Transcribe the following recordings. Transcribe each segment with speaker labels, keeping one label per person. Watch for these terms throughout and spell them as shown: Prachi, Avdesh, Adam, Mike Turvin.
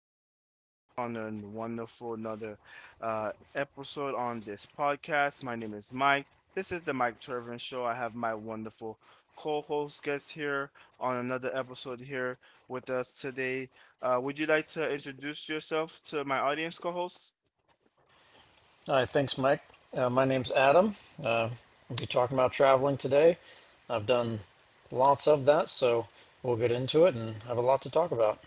Speaker 1: everyone. Welcome back on a wonderful another episode on this podcast. My name is Mike. This is the Mike Turvin Show. I have my wonderful co-host guest here on another episode here with us today. Would you like to introduce yourself to my audience co-host?
Speaker 2: Hi, thanks, Mike. My name's Adam. Uh, we'll be talking about traveling today. I've done lots of that, so we'll get into it and have a lot to talk about.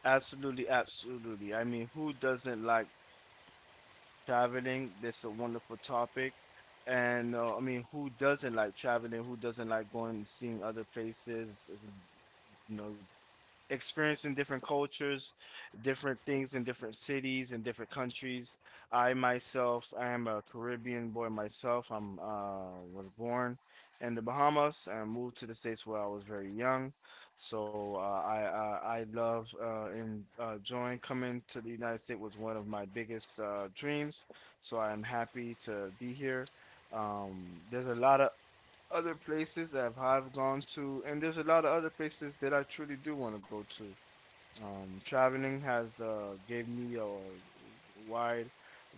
Speaker 1: Absolutely, absolutely. I mean, who doesn't like traveling, this is a wonderful topic. And I mean, who doesn't like traveling? Who doesn't like going and seeing other places? It's, you know, experiencing different cultures, different things in different cities and different countries. I myself, I am a Caribbean boy myself. I'm was born in the Bahamas and moved to the States where I was very young. So I love and join coming to the United States was one of my biggest dreams. So I am happy to be here. There's a lot of other places that I've gone to, and there's a lot of other places that I truly do want to go to. Traveling has gave me a wide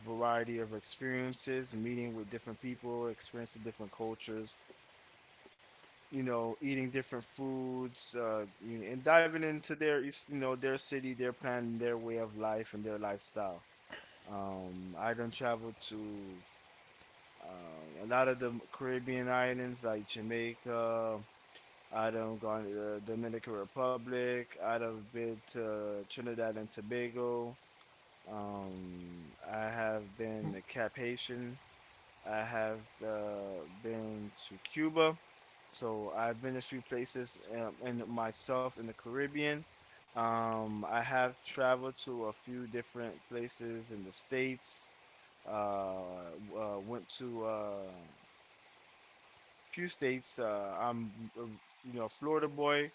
Speaker 1: variety of experiences, meeting with different people, experiencing different cultures, you know, eating different foods, you know, and diving into their, you know, their city, their plan, their way of life, and their lifestyle. I done traveled to a lot of the Caribbean islands like Jamaica, I'd have gone to the Dominican Republic. I'd have been to Trinidad and Tobago. Um, I have been to Cap Haitian. I have been to Cuba. So I've been a few places in myself in the Caribbean. I have traveled to a few different places in the States. Uh, Went to few states. I'm, you know, a Florida boy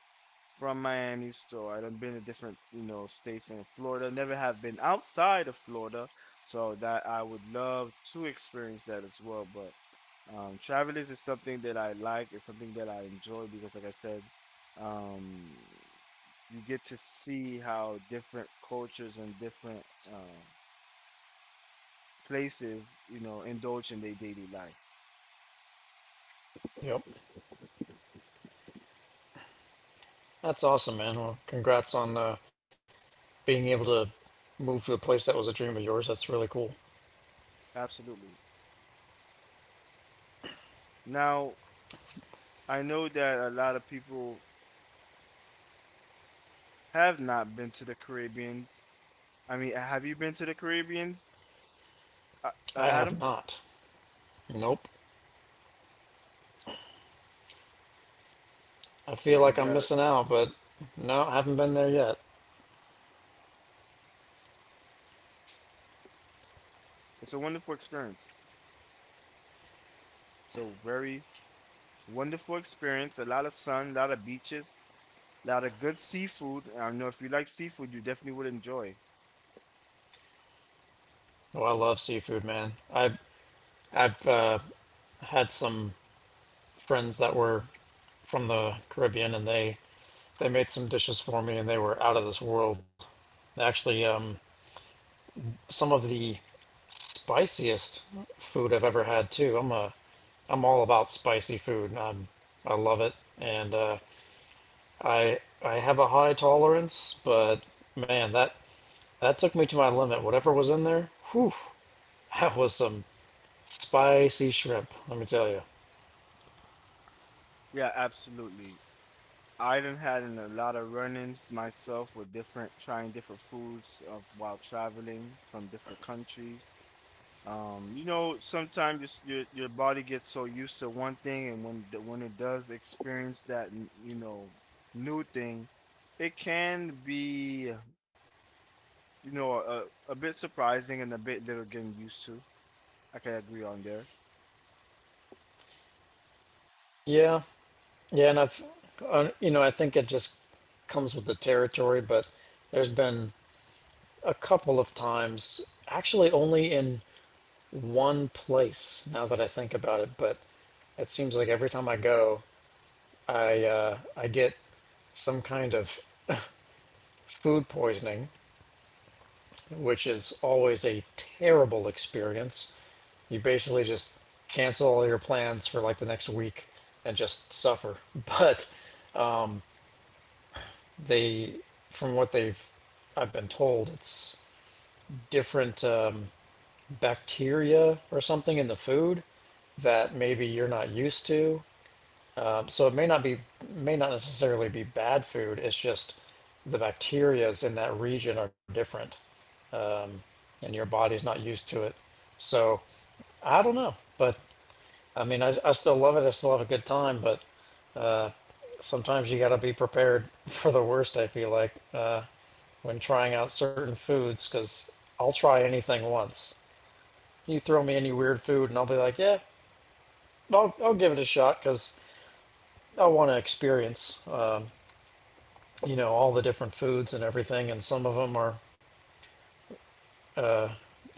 Speaker 1: from Miami, so I've been to different, you know, states in Florida. Never have been outside of Florida, so that I would love to experience that as well. But traveling is something that I like. It's something that I enjoy because, like I said, um, you get to see how different cultures and different uh, places, you know, indulge in their daily life.
Speaker 2: Yep. That's awesome, man. Well, congrats on being able to move to a place that was a dream of yours. That's really cool.
Speaker 1: Absolutely. Now, I know that a lot of people have not been to the Caribbeans. I mean, have you been to the Caribbeans,
Speaker 2: I have
Speaker 1: Adam?
Speaker 2: not. Nope. I feel
Speaker 1: Yeah, you
Speaker 2: like I'm
Speaker 1: got it.
Speaker 2: missing out, but no, I haven't been there yet.
Speaker 1: It's a wonderful experience. So very wonderful experience. A lot of sun, a lot of beaches, a lot of good seafood. And I know if you like seafood, you definitely would enjoy.
Speaker 2: Oh, I love seafood, man. I've had some friends that were from the Caribbean, and they made some dishes for me and they were out of this world. Actually, some of the spiciest food I've ever had too. I'm all about spicy food. I love it, and I have a high tolerance, but man, that took me to my limit. Whatever was in there, whew, that was some spicy shrimp. Let me tell you.
Speaker 1: Yeah, absolutely. I done had a lot of run-ins myself with different trying different foods while traveling from different countries. You know, sometimes your body gets so used to one thing, and when when it does experience that, you know, new thing, it can be, you know, a bit surprising and a bit little getting used to. I can agree on there.
Speaker 2: Yeah, yeah, and you know, I think it just comes with the territory. But there's been a couple of times, actually only in one place now that I think about it, but it seems like every time I go, I get some kind of food poisoning, which is always a terrible experience. You basically just cancel all your plans for like the next week and just suffer. But they, from what they've, I've been told, it's different. Bacteria or something in the food that maybe you're not used to. So it may not be may not necessarily be bad food. It's just the bacterias in that region are different, um, and your body's not used to it. So I don't know, but I mean, I still love it. I still have a good time, but uh, sometimes you got to be prepared for the worst. I feel like when trying out certain foods, because I'll try anything once. You throw me any weird food, and I'll be like, yeah, I'll give it a shot because I want to experience, you know, all the different foods and everything. And some of them are,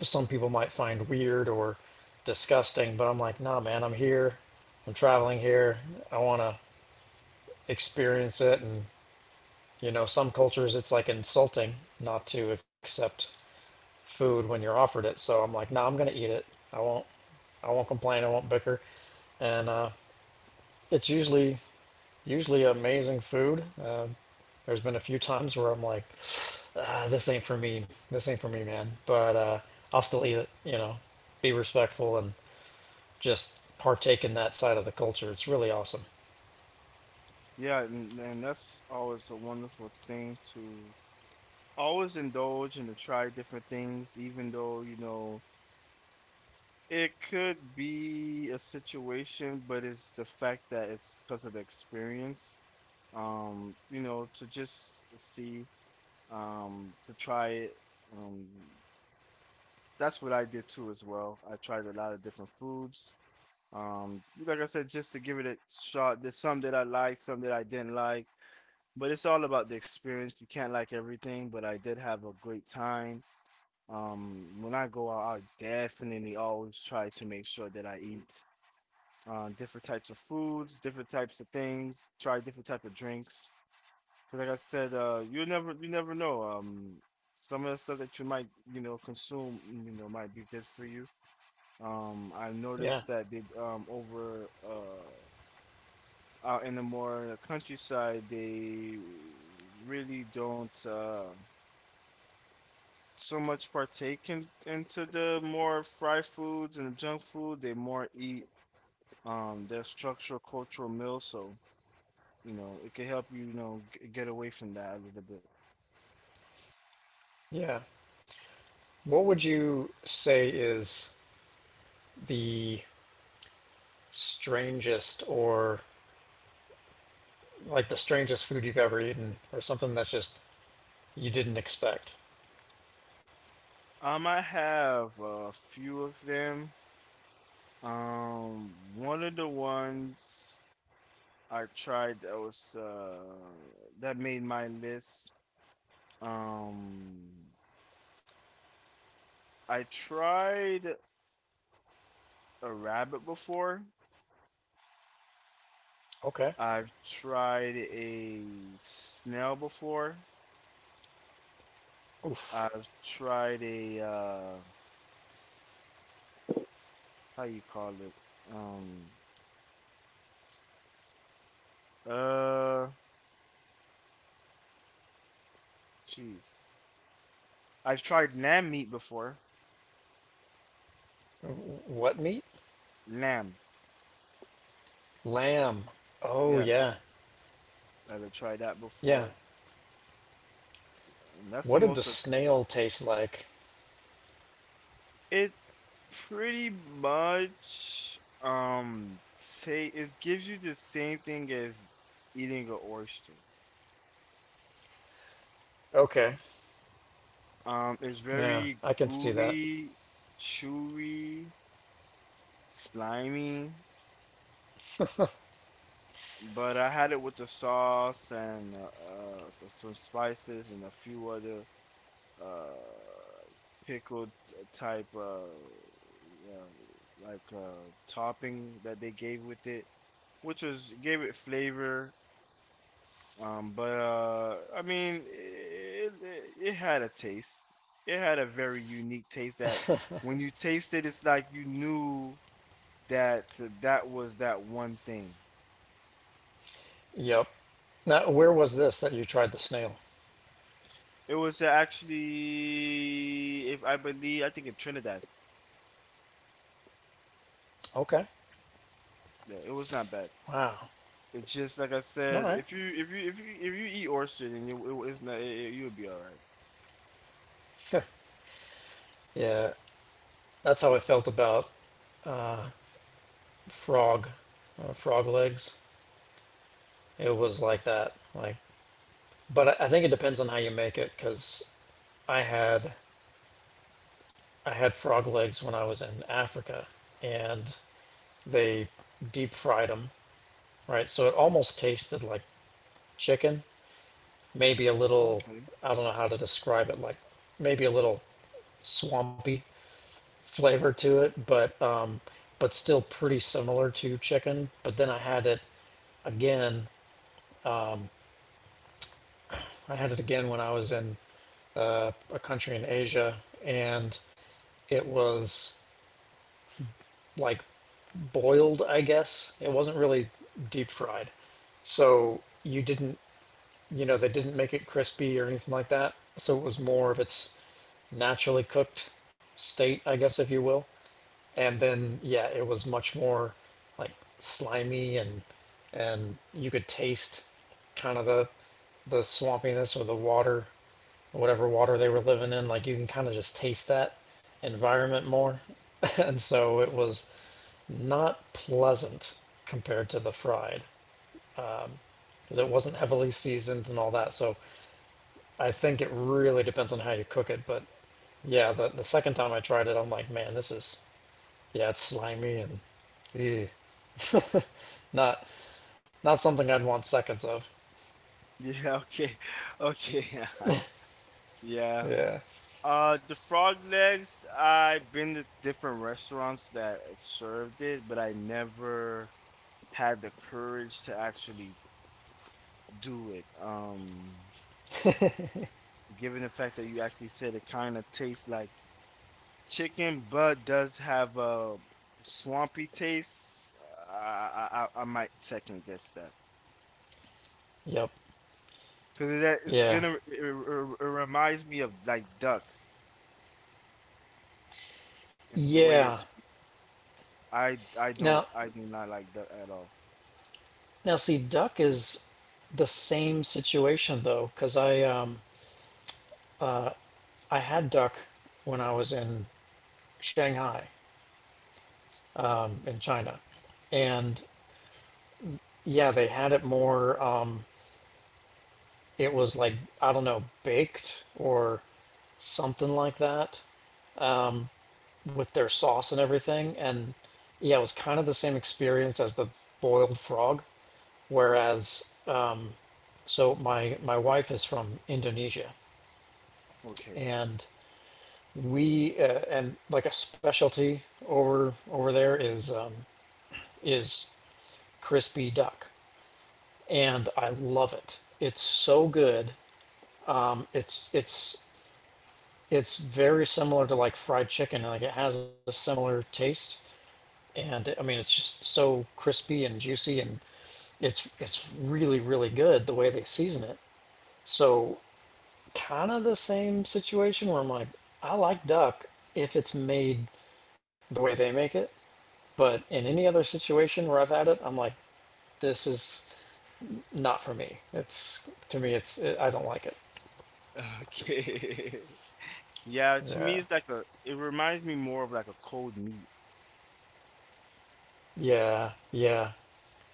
Speaker 2: some people might find weird or disgusting, but I'm like, nah, man, I'm here. I'm traveling here. I want to experience it. And, you know, some cultures it's like insulting not to accept food when you're offered it. So I'm like, nah, I'm going to eat it. I won't, I won't complain. I won't bicker. And, it's usually amazing food. There's been a few times where I'm like, ah, this ain't for me. This ain't for me, man. But I'll still eat it. You know, be respectful and just partake in that side of the culture. It's really awesome.
Speaker 1: Yeah, and that's always a wonderful thing to always indulge and to try different things, even though, you know, it could be a situation, but it's the fact that it's because of the experience. You know, to just see, to try it. Um, that's what I did too as well. I tried a lot of different foods. Like I said, just to give it a shot. There's some that I liked, some that I didn't like, but it's all about the experience. You can't like everything, but I did have a great time. When I go out, I definitely always try to make sure that I eat different types of foods, different types of things, try different type of drinks. But like I said, you never know. Some of the stuff that you might consume might be good for you. I
Speaker 2: Yeah,
Speaker 1: noticed that they over out in the more countryside they really don't so much partake into the more fried foods and the junk food. They more eat their structural cultural meals. So you know, it could help you, you know, get away from that a little bit.
Speaker 2: yeah. What would you say is the strangest or like the strangest food you've ever eaten, or something that's just you didn't expect?
Speaker 1: I have a few of them. One of the ones I tried that was that made my list. Um, I tried a rabbit before.
Speaker 2: Okay.
Speaker 1: I've tried a snail before.
Speaker 2: Oof.
Speaker 1: I've tried a how you call it? Um, uh, Jeez. I've tried lamb meat before.
Speaker 2: What meat?
Speaker 1: Lamb.
Speaker 2: Lamb. Oh
Speaker 1: Yeah,
Speaker 2: yeah,
Speaker 1: I've tried that
Speaker 2: yeah.
Speaker 1: before. And that's the
Speaker 2: What did the
Speaker 1: most
Speaker 2: snail taste like?
Speaker 1: it pretty much say it gives you the same thing as eating an oyster.
Speaker 2: Okay.
Speaker 1: It's
Speaker 2: Yeah,
Speaker 1: very
Speaker 2: I can see that.
Speaker 1: gooey, chewy, slimy, but I had it with the sauce and some spices and a few other uh pickle t- type yeah, like topping that they gave with it, which was gave it flavor. But I mean it had a taste. It had a very unique taste that when you taste it, it's like you knew that that was that one thing.
Speaker 2: Yep. Now, where was this that you tried the snail?
Speaker 1: It was actually, if I believe, I think in Trinidad.
Speaker 2: Okay.
Speaker 1: Yeah, it was not bad.
Speaker 2: Wow.
Speaker 1: It's just like I
Speaker 2: All
Speaker 1: said,
Speaker 2: right.
Speaker 1: if you eat oyster, then you it's not you'll be all right.
Speaker 2: Huh. Yeah, that's how I felt about frog, frog legs. It was like that. Like, but I think it depends on how you make it. Because I had I had frog legs when I was in Africa, and they deep fried them. Right, so it almost tasted like chicken, maybe a little
Speaker 1: Okay.
Speaker 2: I don't know how to describe it, like maybe a little swampy flavor to it, but still pretty similar to chicken. But then I had it again. I had it again when I was in a country in Asia, and it was like boiled, I guess. It wasn't really deep fried, so you know, they didn't make it crispy or anything like that. So it was more of its naturally cooked state, I guess, if you will. And then, yeah, it was much more like slimy, and you could taste kind of the swampiness or the water, whatever water they were living in. Like you can kind of just taste that environment more. And so it was not pleasant compared to the fried because it wasn't heavily seasoned and all that. So I think it really depends on how you cook it, but yeah, the second time I tried it, I'm like, man, this is yeah, it's slimy and ew. not Not something I'd want seconds of.
Speaker 1: Yeah. Okay. Okay. Yeah. Yeah.
Speaker 2: Yeah.
Speaker 1: The frog legs. I've been to different restaurants that it served it, but I never had the courage to actually do it. Given the fact that you actually said it kind of tastes like chicken, but does have a swampy taste. I might second guess that.
Speaker 2: Yep.
Speaker 1: Cause that it's
Speaker 2: Yeah.
Speaker 1: gonna reminds me of like duck in the way you're
Speaker 2: Yeah.
Speaker 1: speaking. I don't
Speaker 2: Now,
Speaker 1: I do not like duck at all.
Speaker 2: now see, duck is the same situation though, because I had duck when I was in Shanghai in China, and yeah, they had it more it was like I don't know, baked or something like that with their sauce and everything. And yeah, it was kind of the same experience as the boiled frog. Whereas, so my wife is from Indonesia,
Speaker 1: Okay.
Speaker 2: and we and like a specialty over there is is crispy duck, and I love it. It's so good. It's very similar to like fried chicken. Like it has a similar taste, and I mean it's just so crispy and juicy, and it's really really good the way they season it. So kind of the same situation where I'm like, I like duck if it's made the way they make it, but in any other situation where I've had it, I'm like, this is not for me. It's to me, it's it, I don't like it.
Speaker 1: Okay. Yeah, to me
Speaker 2: Yeah,
Speaker 1: it's like a it reminds me more of like a cold meat.
Speaker 2: yeah, yeah.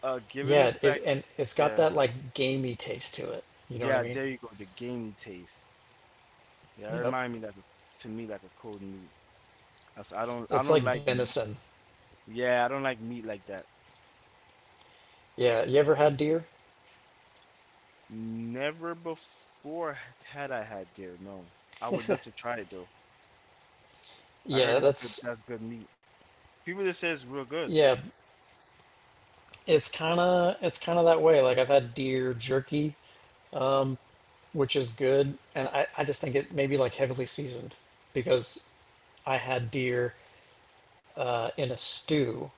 Speaker 1: Given the
Speaker 2: Yeah,
Speaker 1: fact
Speaker 2: and it's got
Speaker 1: yeah.
Speaker 2: that like gamey taste to it. You know what I
Speaker 1: Yeah,
Speaker 2: mean?
Speaker 1: there you go, the gamey taste. Yeah, it
Speaker 2: Yep.
Speaker 1: remind me like to me like a cold meat. That's, I
Speaker 2: It's
Speaker 1: don't
Speaker 2: like
Speaker 1: like meat.
Speaker 2: venison.
Speaker 1: Yeah, I don't like meat like that.
Speaker 2: Yeah. You ever had deer?
Speaker 1: Never before had I had deer, no. I would love to try it though. I heard
Speaker 2: Yeah,
Speaker 1: it's good.
Speaker 2: that's
Speaker 1: That's good meat. People that says real good.
Speaker 2: yeah. It's kind of that way. Like I've had deer jerky, which is good, and I just think it may be like heavily seasoned because I had deer in a stew,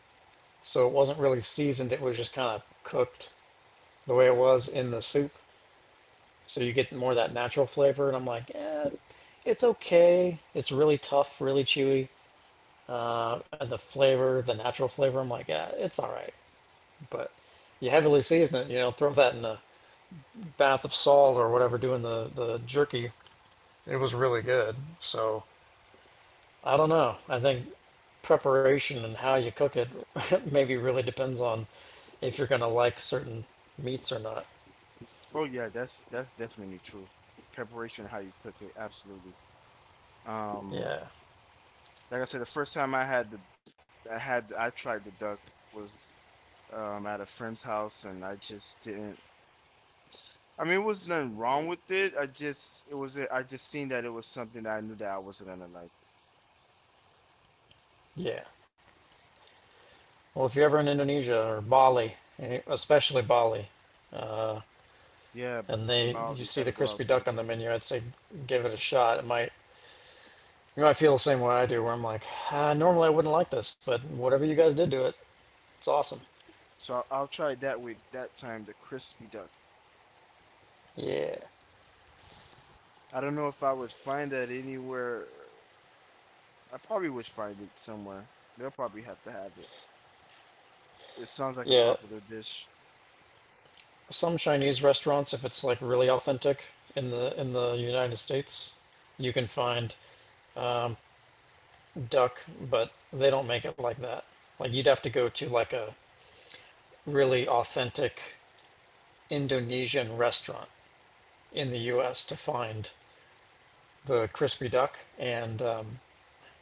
Speaker 2: so it wasn't really seasoned. It was just kind of cooked the way it was in the soup. So you get more of that natural flavor, and I'm like, eh, it's okay. It's really tough, really chewy. And the flavor, the natural flavor, I'm like, eh, it's all right. But you heavily season it, you know, throw that in a bath of salt or whatever, doing the jerky. It was really good. So I don't know. I think preparation and how you cook it maybe really depends on if you're going to like certain meats or not.
Speaker 1: Oh yeah, that's definitely true. Preparation, how you cook it, absolutely. Um,
Speaker 2: Yeah.
Speaker 1: like I said, the first time I had the I tried the duck was at a friend's house, and I just didn't. I mean, it was nothing wrong with it. I just it was I just seen that it was something that I knew that I wasn't gonna like.
Speaker 2: Yeah. Well, if you're ever in Indonesia or Bali, eh, especially Bali,
Speaker 1: Yeah,
Speaker 2: and they
Speaker 1: Bob,
Speaker 2: you
Speaker 1: we
Speaker 2: see the
Speaker 1: gotta go out
Speaker 2: crispy
Speaker 1: there.
Speaker 2: duck on the menu, I'd say give it a shot. It might you might feel the same way I do, where I'm like, ah, normally I wouldn't like this, but whatever you guys did to it, it's awesome.
Speaker 1: So I'll try that way that time, the crispy duck.
Speaker 2: Yeah,
Speaker 1: I don't know if I would find that anywhere I probably would find it somewhere. They'll probably have to have it. It sounds like a
Speaker 2: yeah.
Speaker 1: popular dish.
Speaker 2: Some Chinese restaurants, if it's like really authentic in the United States, you can find duck, but they don't make it like that. Like you'd have to go to like a really authentic Indonesian restaurant in the U.S. to find the crispy duck, and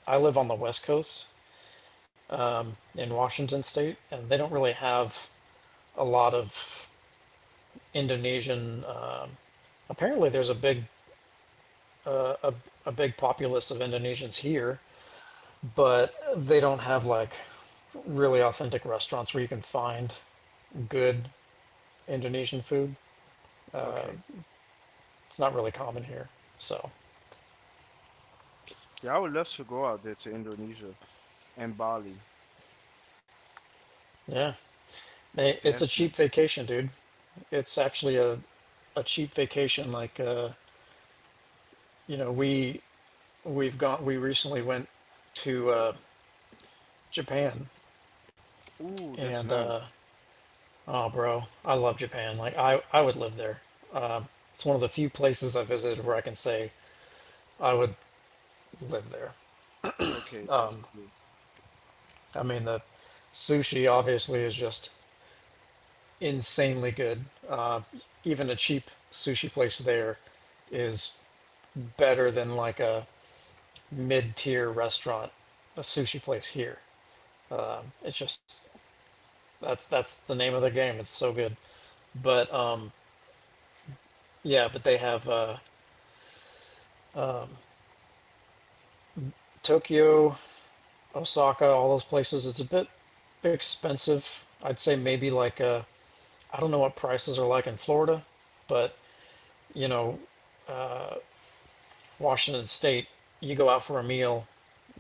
Speaker 2: I live on the West Coast in Washington State, and they don't really have a lot of Indonesian. Apparently, there's a big a, a big populace of Indonesians here, but they don't have like really authentic restaurants where you can find good Indonesian food.
Speaker 1: Okay.
Speaker 2: It's not really common here, so
Speaker 1: Yeah, I would love to go out there to Indonesia and Bali.
Speaker 2: yeah, it's a
Speaker 1: Definitely.
Speaker 2: cheap vacation, dude. It's actually a cheap vacation, like. You know we we've gone we recently went to Japan
Speaker 1: Ooh, that's
Speaker 2: and
Speaker 1: nice.
Speaker 2: oh bro I love Japan. Like I would live there. It's one of the few places I visited where I can say I would live there.
Speaker 1: Okay, that's cool.
Speaker 2: I mean the sushi obviously is just insanely good, uh, even a cheap sushi place there is better than like a mid-tier restaurant, a sushi place here. It's just that's the name of the game. It's so good, but yeah, but they have Tokyo, Osaka, all those places. It's a bit expensive. I'd say maybe like I don't know what prices are like in Florida, but you know, Washington State, you go out for a meal,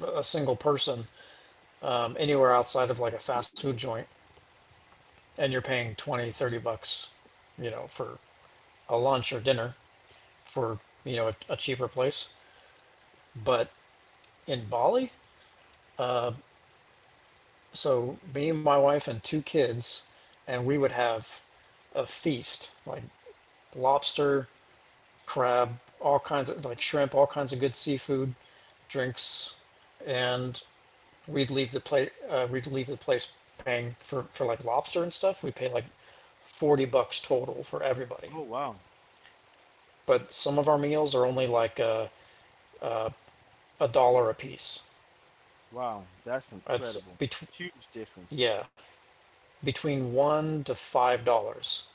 Speaker 2: a single person, anywhere outside of like a fast food joint, and you're paying 20, 30 bucks, you know, for a lunch or dinner for you know a cheaper place. But in Bali, so me, my wife, and 2 kids, and we would have a feast like lobster, crab, all kinds of like shrimp, all kinds of good seafood, drinks, and we'd leave the plate. We'd leave the place paying for like lobster and stuff. We pay like 40 bucks total for everybody,
Speaker 1: Oh, wow.
Speaker 2: but some of our meals are only like a dollar a piece.
Speaker 1: Wow, that's
Speaker 2: It's
Speaker 1: incredible.
Speaker 2: between
Speaker 1: Huge difference.
Speaker 2: yeah between 1 to 5 dollars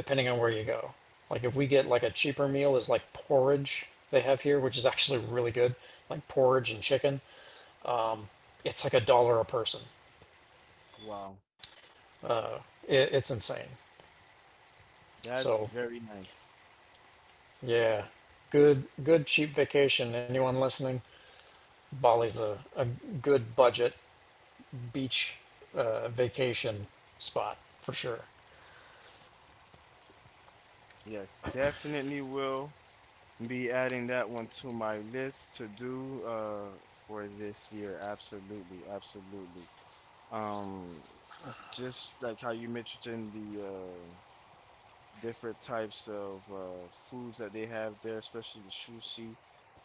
Speaker 2: depending on where you go. Like if we get like a cheaper meal is like porridge they have here, which is actually really good, like porridge and chicken. It's like a dollar a person.
Speaker 1: Wow,
Speaker 2: It's insane.
Speaker 1: that's
Speaker 2: So
Speaker 1: very nice.
Speaker 2: yeah, good cheap vacation. Anyone listening, Bali's a good budget beach vacation spot for sure.
Speaker 1: Yes, definitely will. Be adding that one to my list to do for this year. Absolutely, absolutely. Um, just like how you mentioned the different types of foods that they have there, especially the sushi,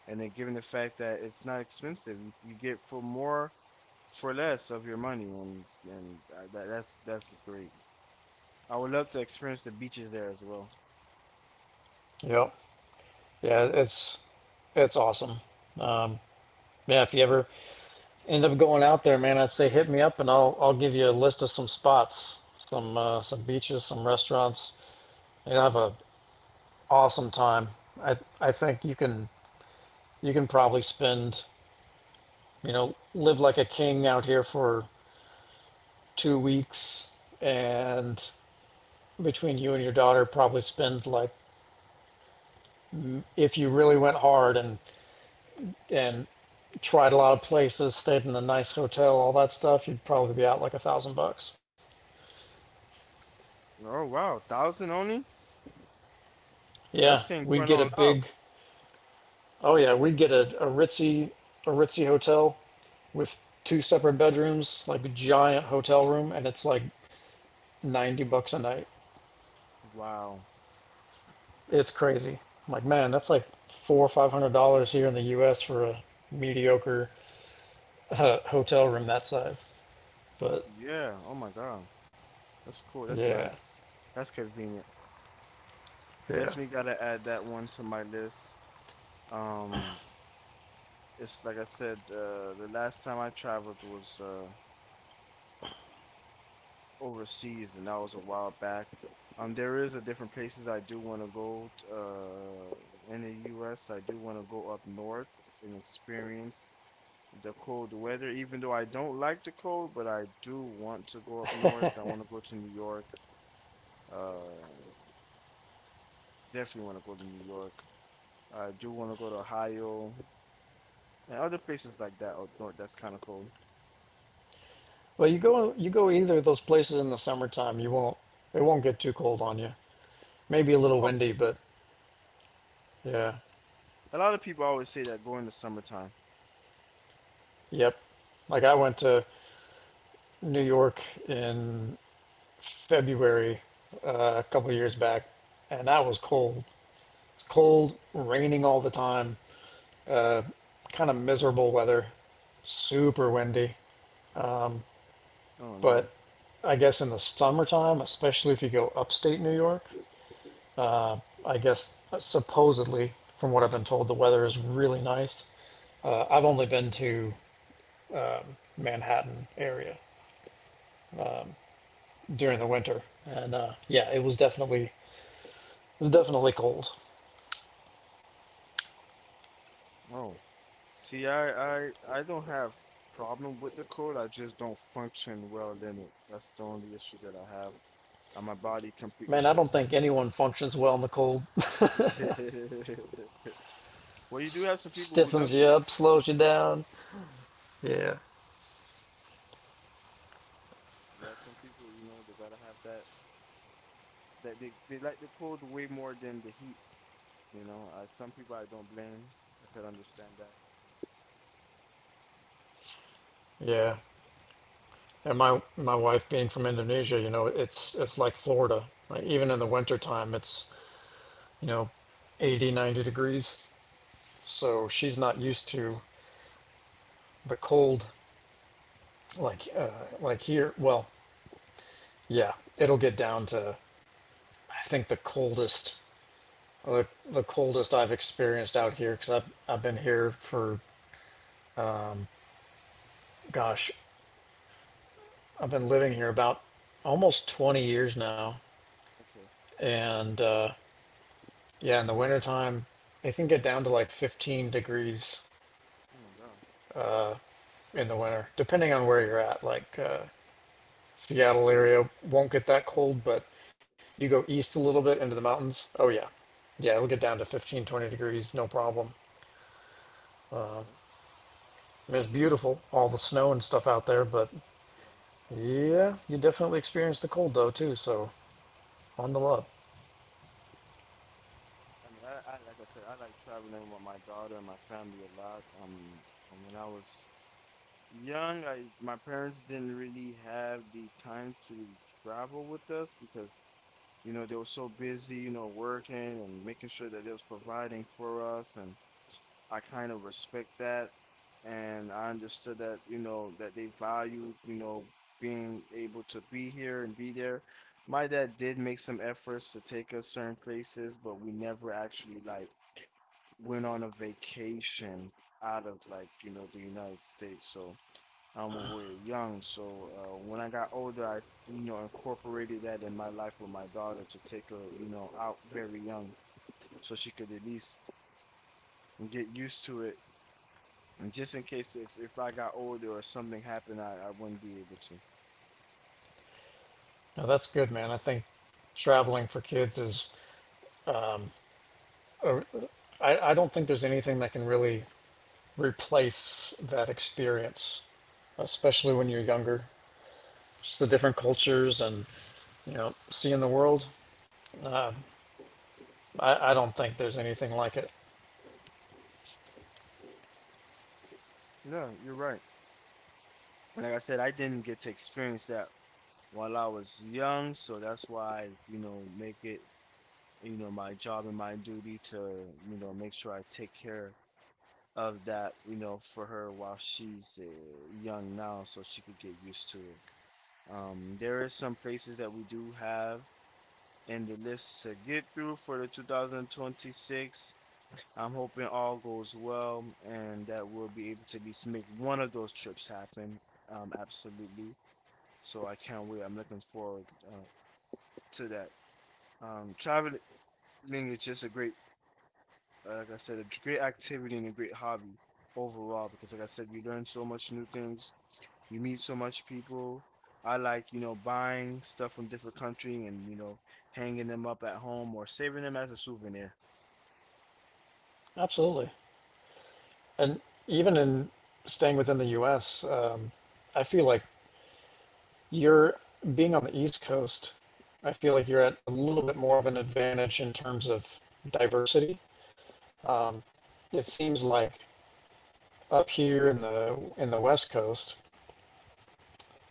Speaker 1: and then given the fact that it's not expensive, you get for more for less of your money, and that's great. I would love to experience the beaches there as well.
Speaker 2: Yep. Yeah, it's awesome. Um, yeah, if you ever end up going out there, man, I'd say hit me up and I'll give you a list of some spots, some beaches, some restaurants. You'll have a awesome time. I think you can probably spend you know live like a king out here for 2 weeks and between you and your daughter probably spend like if you really went hard and and tried a lot of places stayed in a nice hotel all that stuff you'd probably be out like 1,000 bucks
Speaker 1: Oh wow, thousand only, and
Speaker 2: yeah
Speaker 1: that's thing
Speaker 2: we'd
Speaker 1: going
Speaker 2: get a
Speaker 1: all out.
Speaker 2: big. Oh yeah, we'd get a ritzy a ritzy hotel with two separate bedrooms, like a giant hotel room, and it's like 90 bucks a night.
Speaker 1: Wow.
Speaker 2: It's crazy. I'm like, man, that's like four or five hundred dollars here in the U.S. for a mediocre hotel room that size. But
Speaker 1: Yeah. Oh my God. That's cool. That's
Speaker 2: yeah,
Speaker 1: nice. That's convenient.
Speaker 2: yeah.
Speaker 1: Definitely gotta add that one to my list. Um, it's like I said, the last time I traveled was overseas, and that was a while back. There is a different places I do want to go. In the U.S., I do want to go up north and experience the cold weather. Even though I don't like the cold, but I do want to go up north. I want to go to New York. Uh, Definitely want to go to New York. I do want to go to Ohio and other places like that out north. That's kind of cold.
Speaker 2: Well, you go either of those places in the summertime. You won't it won't get too cold on you. Maybe a little
Speaker 1: Oh,
Speaker 2: windy, but yeah,
Speaker 1: a lot of people always say that going the summertime.
Speaker 2: yep. Like I went to New York in February a couple of years back, and that was cold. It's cold, raining all the time, kind of miserable weather, super windy.
Speaker 1: Oh no.
Speaker 2: But I guess in the summertime, especially if you go upstate New York, I guess supposedly, from what I've been told, the weather is really nice. I've only been to Manhattan area during the winter, and yeah, it was definitely cold.
Speaker 1: Oh, see, I don't have problem with the cold. I just don't function well in it. That's the only issue that I have. And my body completely
Speaker 2: Man, I don't
Speaker 1: shuts
Speaker 2: think anyone functions well in the cold.
Speaker 1: down. Well, you do have some people who
Speaker 2: Stiffens
Speaker 1: loves
Speaker 2: you up, slows you down. Yeah,
Speaker 1: you have some people, you know, they gotta have that they like the cold way more than the heat, you know. I some people I don't blame. I could understand that.
Speaker 2: yeah. And my wife being from Indonesia, you know, it's like Florida. Like even in the wintertime, it's you know, 80, 90 degrees. So she's not used to the cold like uh, like here. Well, yeah, it'll get down to I think the coldest the, the coldest I've experienced out here because I've been here for gosh, I've been living here about almost 20 years now,
Speaker 1: Okay.
Speaker 2: and yeah, in the wintertime, it can get down to like 15 degrees
Speaker 1: Oh my God.
Speaker 2: in the winter, depending on where you're at. Like Seattle area won't get that cold, but you go east a little bit into the mountains. Oh yeah, yeah, it'll get down to 15, 20 degrees, no problem.
Speaker 1: Okay.
Speaker 2: I mean, it's beautiful, all the snow and stuff out there, but
Speaker 1: Yeah, absolutely.
Speaker 2: yeah, you definitely experience the cold though too. So on the up.
Speaker 1: I like I said, I like traveling with my daughter and my family a lot. And when I was young, I my parents didn't really have the time to travel with us because you know they were so busy, you know, working and making sure that they was providing for us, and I kind of respect that. And I understood that, you know, that they valued, you know, being able to be here and be there. My dad did make some efforts to take us certain places, but we never actually like went on a vacation out of, like, you know, the United States. So when we were young. So when I got older, I, you know, incorporated that in my life with my daughter to take her, you know, out very young so she could at least get used to it, and just in case if I got older or something happened, I wouldn't be able to.
Speaker 2: No, that's good, man. I think traveling for kids is. I don't think there's anything that can really replace that experience, especially when you're younger. Just the different cultures and you know seeing the world. I don't think there's anything like it.
Speaker 1: Yeah, you're right. Like I said, I didn't get to experience that while I was young, so that's why, you know, make it, you know, my job and my duty to, you know, make sure I take care of that, you know, for her while she's young now, so she could get used to it. There is some places that we do have in the list to get through for the 2026. I'm hoping all goes well and that we'll be able to at least make one of those trips happen. Absolutely. So I can't wait. I'm looking forward to that. Traveling is just a great, like I said, a great activity and a great hobby overall because, like I said, you learn so much new things. You meet so much people. I like, you know, buying stuff from different country and, you know, hanging them up at home or saving them as a souvenir.
Speaker 2: Absolutely, and even in staying within the U.S., I feel like you're being on the East Coast. I feel like you're at a little bit more of an advantage in terms of diversity. It seems like up here in the West Coast,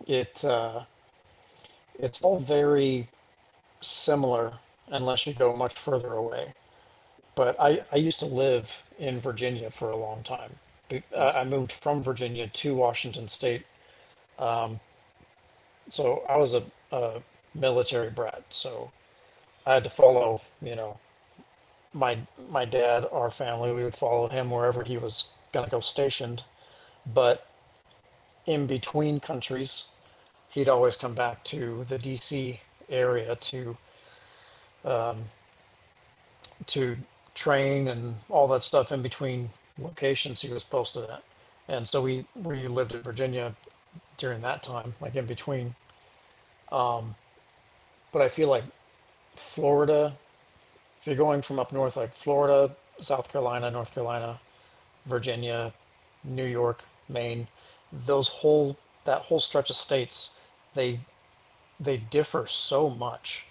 Speaker 2: it it's all very similar unless you go much further away. But
Speaker 1: Yeah.
Speaker 2: I used to live in Virginia for a long time.
Speaker 1: Okay.
Speaker 2: I moved from Virginia to Washington State, so I was a military brat. So I had to follow, you know, my my dad, our family. We would follow him wherever he was going to go stationed. But in between countries, he'd always come back to the D.C. area to train and all that stuff in between locations he was posted at. And so we lived in Virginia during that time, like in between. But I feel like Florida, if you're going from up north, like Florida, South Carolina, North Carolina, Virginia, New York, Maine, those whole that whole stretch of states, they they differ so much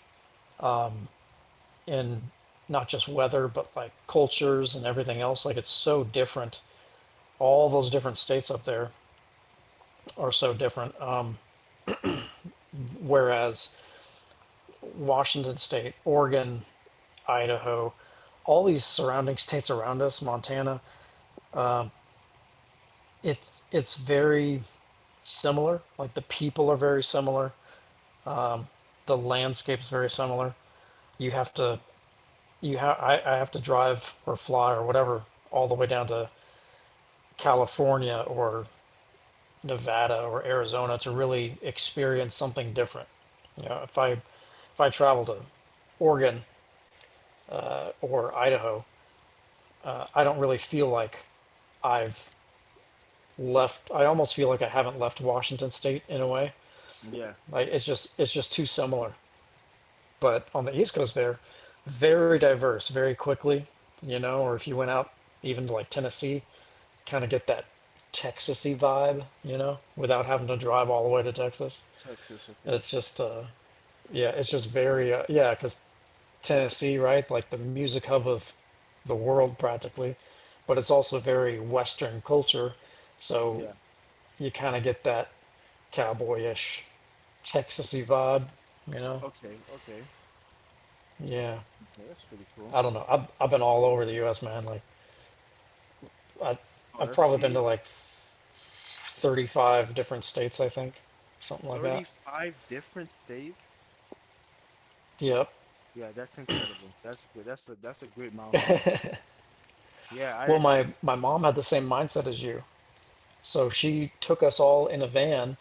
Speaker 2: in not just weather, but like cultures and everything else. Like it's so different all those different states up there are so different. Whereas Washington State, Oregon, Idaho, all these surrounding states around us, Montana, it's very similar. Like the people are very similar, the landscape is very similar. You have to I have to drive or fly or whatever all the way down to California or Nevada or Arizona to really experience something different. You know, if I travel to Oregon or Idaho, I don't really feel like I've left. I almost feel like I haven't left Washington State in a way.
Speaker 1: Yeah.
Speaker 2: Like it's just too similar. But on the East Coast, there, very diverse, very quickly. You know, or if you went out even to like Tennessee, kind of get that Texasy vibe. You know, without having to drive all the way to Texas.
Speaker 1: Texas. Okay.
Speaker 2: It's just yeah, it's just very yeah, because Tennessee, right? Like the music hub of the world practically, but it's also very Western culture, so
Speaker 1: Yeah.
Speaker 2: you kind of get that cowboyish, Texasy vibe, you know?
Speaker 1: Okay, okay,
Speaker 2: Yeah,
Speaker 1: okay, that's pretty cool.
Speaker 2: I don't know. I've been all over the U.S., man. Like I
Speaker 1: Oh,
Speaker 2: I've
Speaker 1: let's
Speaker 2: probably been to
Speaker 1: see,
Speaker 2: like 35 different states, I think, something like that.
Speaker 1: 35 different states.
Speaker 2: Yep.
Speaker 1: Yeah, that's incredible. That's good. That's a great milestone. Yeah,
Speaker 2: Well,
Speaker 1: I did.
Speaker 2: my mom had the same mindset as you, so she took us all in a van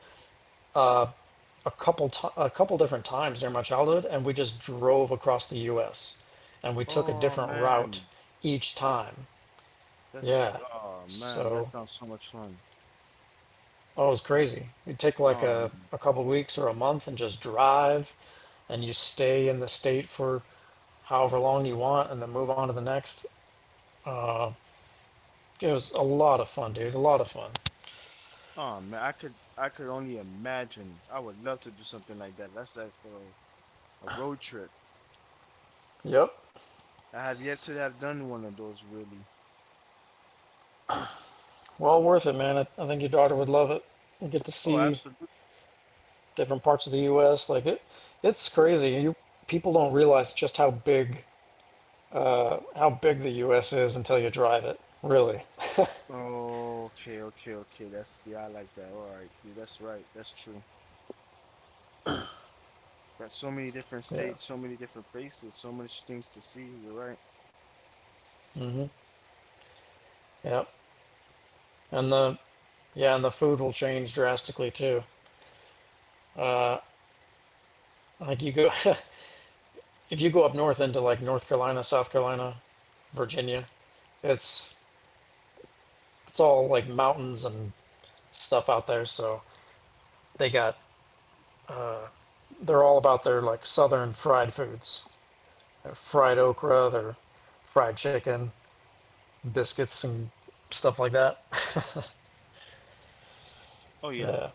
Speaker 2: a couple a couple different times during my childhood, and we just drove across the U.S. and we took a
Speaker 1: Oh
Speaker 2: different route
Speaker 1: man,
Speaker 2: each time.
Speaker 1: that's
Speaker 2: Yeah,
Speaker 1: oh man, that
Speaker 2: so
Speaker 1: sounds so much fun.
Speaker 2: oh, it was crazy. You'd take like
Speaker 1: Um,
Speaker 2: a couple of weeks or a month and just drive, and you stay in the state for however long you want, and then move on to the next. It was a lot of fun, dude. A lot of fun.
Speaker 1: oh man, I could only imagine. I would love to do something like that. That's like a road trip.
Speaker 2: Yep,
Speaker 1: I have yet to have done one of those really.
Speaker 2: well worth it, man. I think your daughter would love it. You get to
Speaker 1: Oh,
Speaker 2: see
Speaker 1: absolutely.
Speaker 2: different parts of the U.S. Like it's crazy. You people don't realize just how big the U.S. is until you drive it. Really.
Speaker 1: Oh, okay, okay, okay. That's yeah, I like that. All right, yeah, that's right. That's true. Got so many different
Speaker 2: Yeah.
Speaker 1: states, so many different places, so much things to see. You're right.
Speaker 2: Yep. And the yeah, and the food will change drastically too. Like you go if you go up north into like North Carolina, South Carolina, Virginia, it's it's all like mountains and stuff out there. So they got they're all about their like southern fried foods. Their fried okra, their fried chicken, biscuits and stuff like that.
Speaker 1: Oh yeah,
Speaker 2: Yeah.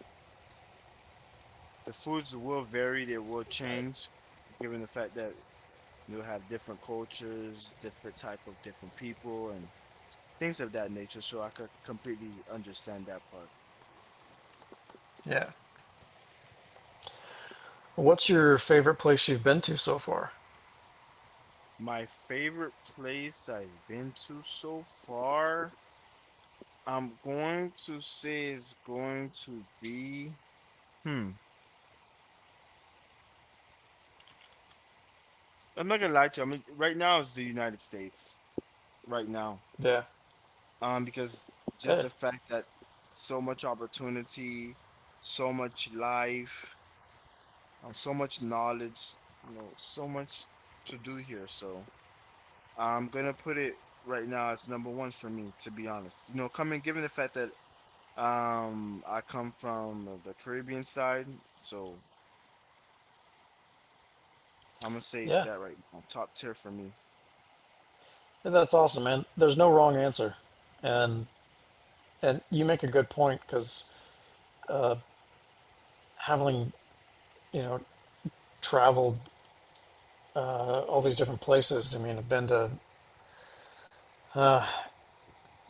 Speaker 1: the foods will vary. They will change, given the fact that you'll have different cultures, different type of different people, and things of that nature. So I could completely understand that part.
Speaker 2: Yeah. What's your favorite place you've been to so far?
Speaker 1: My favorite place I've been to so far, I'm going to say is going to be. Hmm. I'm not gonna lie to you. I mean, right now it's the United States. Right now,
Speaker 2: Yeah.
Speaker 1: Because just
Speaker 2: Eh,
Speaker 1: the fact that so much opportunity, so much life, so much knowledge, you know, so much to do here. So I'm gonna put it right now as number one for me, to be honest. You know, coming given the fact that I come from the Caribbean side, so I'm gonna say
Speaker 2: yeah.
Speaker 1: that right now, top tier for me.
Speaker 2: Yeah, that's awesome, man. There's no wrong answer. And and you make a good point because having, you know, traveled all these different places, I mean, I've been to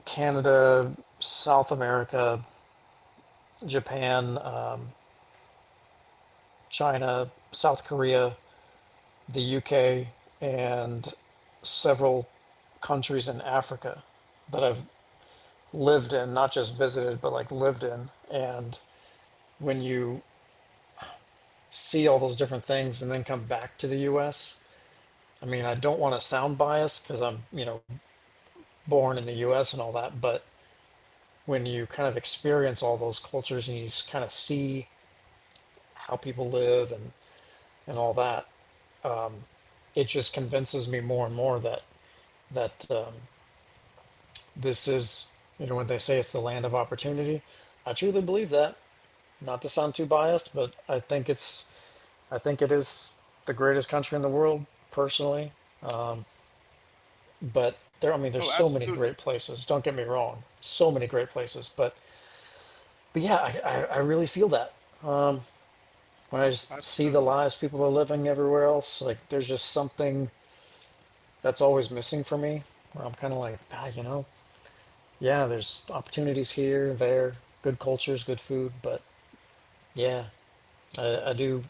Speaker 2: Canada, South America, Japan, China, South Korea, the UK, and several countries in Africa that I've lived in, not just visited, but like lived in. And when you see all those different things and then come back to the U.S., I mean, I don't want to sound biased because I'm, you know, born in the U.S. and all that, but when you kind of experience all those cultures and you just kind of see how people live and all that, it just convinces me more and more that that um, this is, you know, when they say it's the land of opportunity, I truly believe that. Not to sound too biased, but I think it's I think it is the greatest country in the world, personally. But there, I mean, there's
Speaker 1: Oh,
Speaker 2: so many
Speaker 1: absolutely,
Speaker 2: great places. Don't get me wrong, so many great places. But yeah, I really feel that when I just see the
Speaker 1: absolutely.
Speaker 2: lives people are living everywhere else. Like there's just something that's always missing for me, where I'm kind of like, ah, you know, yeah, there's opportunities here, there, good cultures, good food, but yeah, I, I do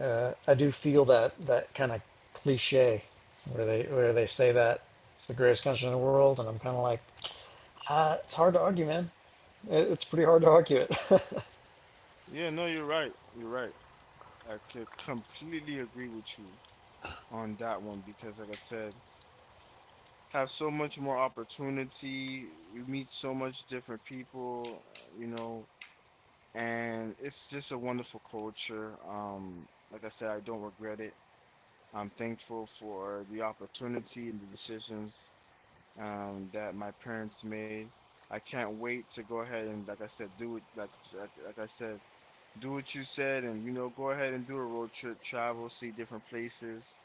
Speaker 2: I do feel that that kind of cliche where they say that it's the greatest country in the world, and I'm kind of like, ah, it's hard to argue, man. It's pretty hard to argue it.
Speaker 1: Yeah, no, you're right. You're right. I could completely agree with you on that one because, like I said, have so much more opportunity. You meet so much different people, you know, and it's just a wonderful culture. Like I said, I don't regret it. I'm thankful for the opportunity and the decisions that my parents made. I can't wait to go ahead and, like I said, do it. Like, like I said, do what you said, and you know, go ahead and do a road trip, travel, see different places,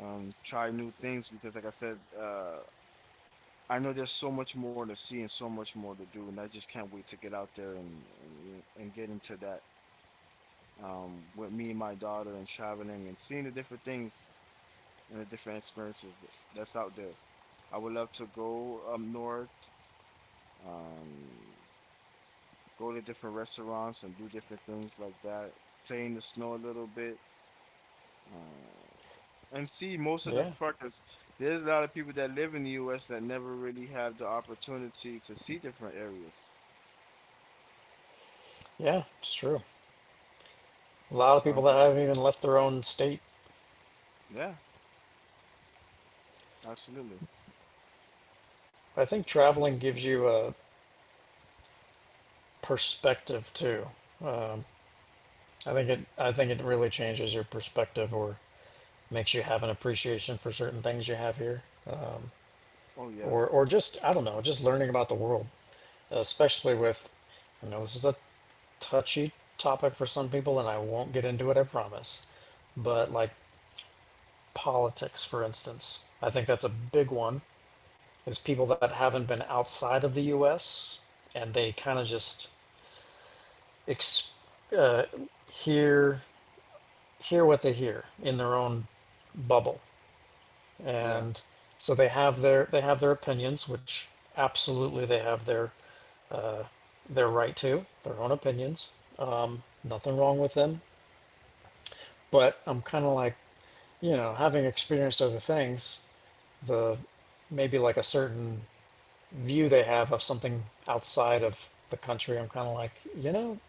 Speaker 1: try new things because, like I said, I know there's so much more to see and so much more to do, and I just can't wait to get out there and get into that, with me and my daughter and traveling and seeing the different things and the different experiences that's out there. I would love to go up north, um, go to different restaurants and do different things like that, play in the snow a little bit. Uh, And see, most of the
Speaker 2: yeah,
Speaker 1: fuckers, there's a lot of people that live in the US that never really have the opportunity to see different areas.
Speaker 2: yeah, it's true. A lot of
Speaker 1: So I'm
Speaker 2: people that
Speaker 1: just,
Speaker 2: haven't even left their own state.
Speaker 1: yeah, absolutely.
Speaker 2: I think traveling gives you a perspective too. I think it really changes your perspective or makes you have an appreciation for certain things you have here
Speaker 1: Oh,
Speaker 2: or just I don't know, just learning about the world, especially with you know this is a touchy topic for some people, and I won't get into it, I promise. But like politics, for instance, I think that's a big one. Is people that haven't been outside of the U.S. And they kind of just ex- uh, hear hear what they hear in their own bubble,
Speaker 1: yeah,
Speaker 2: and so they have their opinions, which absolutely they have their right to their own opinions. Nothing wrong with them, but I'm kind of like, you know, having experienced other things, the maybe like a certain view they have of something outside of the country, I'm kind of like, you know,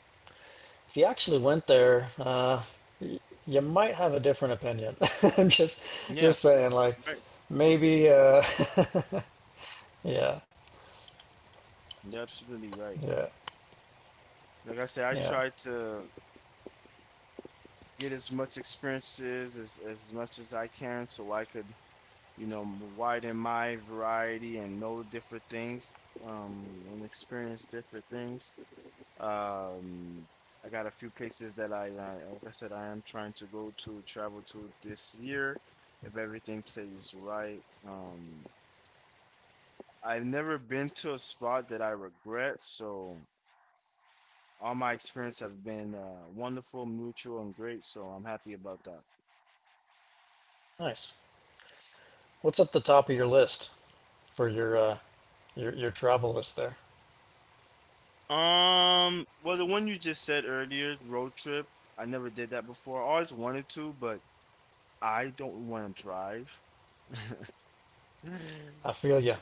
Speaker 2: if you actually went there, y- you might have a different opinion. I'm just
Speaker 1: yeah,
Speaker 2: just saying, like,
Speaker 1: right.
Speaker 2: maybe, yeah,
Speaker 1: You're absolutely right.
Speaker 2: yeah,
Speaker 1: Like I said, I
Speaker 2: yeah.
Speaker 1: try to get as much experiences as much as I can so I could, you know, widen my variety and know different things, um, and experience different things. Um, I got a few places that I like I said, I am trying to go to travel to this year if everything plays right. I've never been to a spot that I regret, so all my experience have been wonderful, mutual, and great. So I'm happy about that.
Speaker 2: Nice. What's at the top of your list for your your travel list there?
Speaker 1: Well, the one you just said earlier, road trip, I never did that before. I always wanted to, but I don't want to drive.
Speaker 2: I feel you.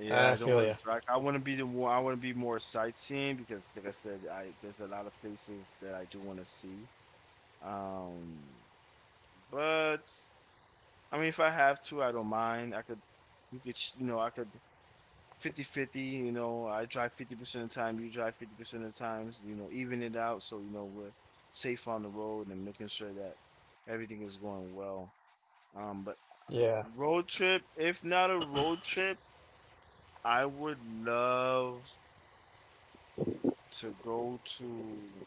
Speaker 1: Yeah, I
Speaker 2: I
Speaker 1: don't
Speaker 2: feel
Speaker 1: want
Speaker 2: you.
Speaker 1: to track. I want to be the one. I want to be more sightseeing because, like I said, I there's a lot of places that I do want to see. Um, but I mean, if I have to, I don't mind. I could, you could, you know, I could 50-50. You know, I drive 50% of the time, you drive 50% of the times, you know, even it out so, you know, we're safe on the road and making sure that everything is going well. But
Speaker 2: Yeah,
Speaker 1: road trip, if not a road trip, I would love to go to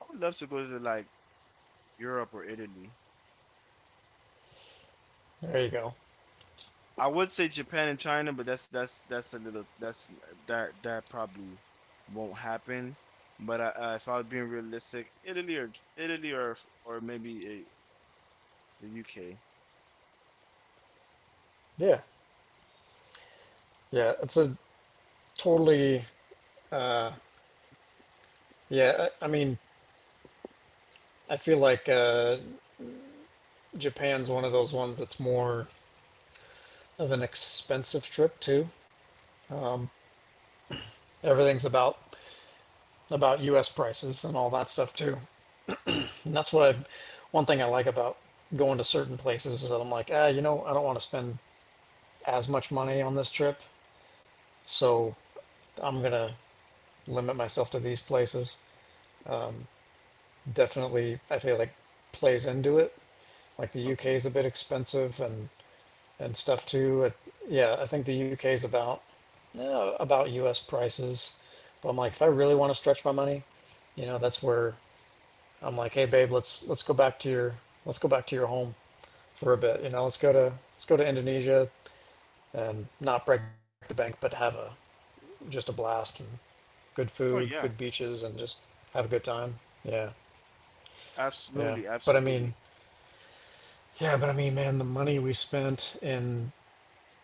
Speaker 1: like Europe or Italy.
Speaker 2: there you go.
Speaker 1: I would say Japan and China, but that's a little that's that probably won't happen. But I, if I was being realistic, Italy or maybe the UK.
Speaker 2: Yeah, yeah. It's a Totally. Yeah, I mean, I feel like Japan's one of those ones that's more of an expensive trip too. Everything's about U.S. prices and all that stuff too. And that's what I, one thing I like about going to certain places is that I'm like, ah, you know, I don't want to spend as much money on this trip, so I'm gonna limit myself to these places. Definitely, I feel like plays into it. Like the UK
Speaker 1: Okay.
Speaker 2: is a bit expensive, and stuff too. It, yeah, I think the UK is about U.S. prices. But I'm like, if I really want to stretch my money, you know, that's where I'm like, hey babe, let's go back to your home for a bit. You know, let's go to Indonesia and not break the bank, but have a just a blast and good food,
Speaker 1: Oh
Speaker 2: good
Speaker 1: yeah,
Speaker 2: beaches, and just have a good time. Yeah, yeah.
Speaker 1: absolutely,
Speaker 2: But I mean,
Speaker 1: absolutely.
Speaker 2: yeah, but I mean, man, the money we spent in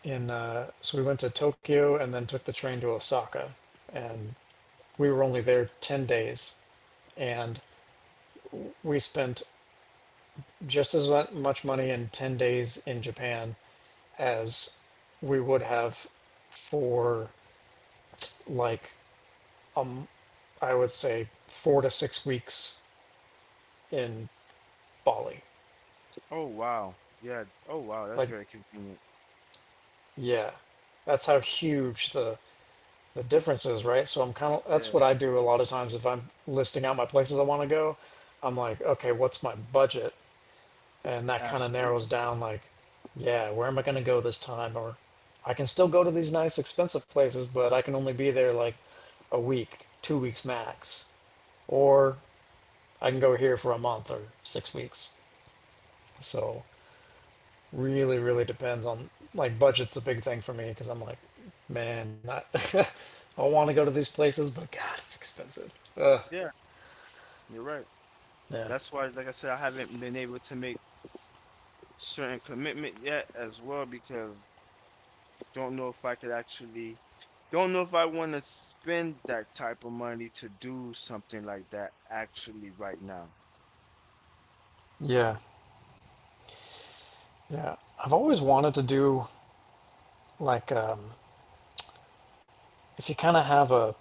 Speaker 2: so we went to Tokyo and then took the train to Osaka, and we were only there 10 days, and we spent just as much money in 10 days in Japan as we would have for like I would say 4 to 6 weeks in Bali.
Speaker 1: Oh wow, yeah. Oh wow, that's
Speaker 2: Like,
Speaker 1: very convenient.
Speaker 2: yeah, that's how huge the differences, right? So I'm kind of that's
Speaker 1: Yeah,
Speaker 2: what I do a lot of times if I'm listing out my places I want to go. I'm like, okay, what's my budget? And that kind of narrows
Speaker 1: absolutely.
Speaker 2: down like, yeah, where am I going to go this time or I can still go to these nice expensive places, but I can only be there like a week, 2 weeks max. Or I can go here for a month or 6 weeks. So really depends on like budget's a big thing for me because I'm like, man, I I want to go to these places, but God, it's expensive. Ugh,
Speaker 1: Yeah, you're right.
Speaker 2: yeah,
Speaker 1: That's why, like I said, I haven't been able to make certain commitment yet as well because don't know if I could actually don't know if I want to spend that type of money to do something like that actually right now.
Speaker 2: yeah, yeah. I've always wanted to do like if you kind of have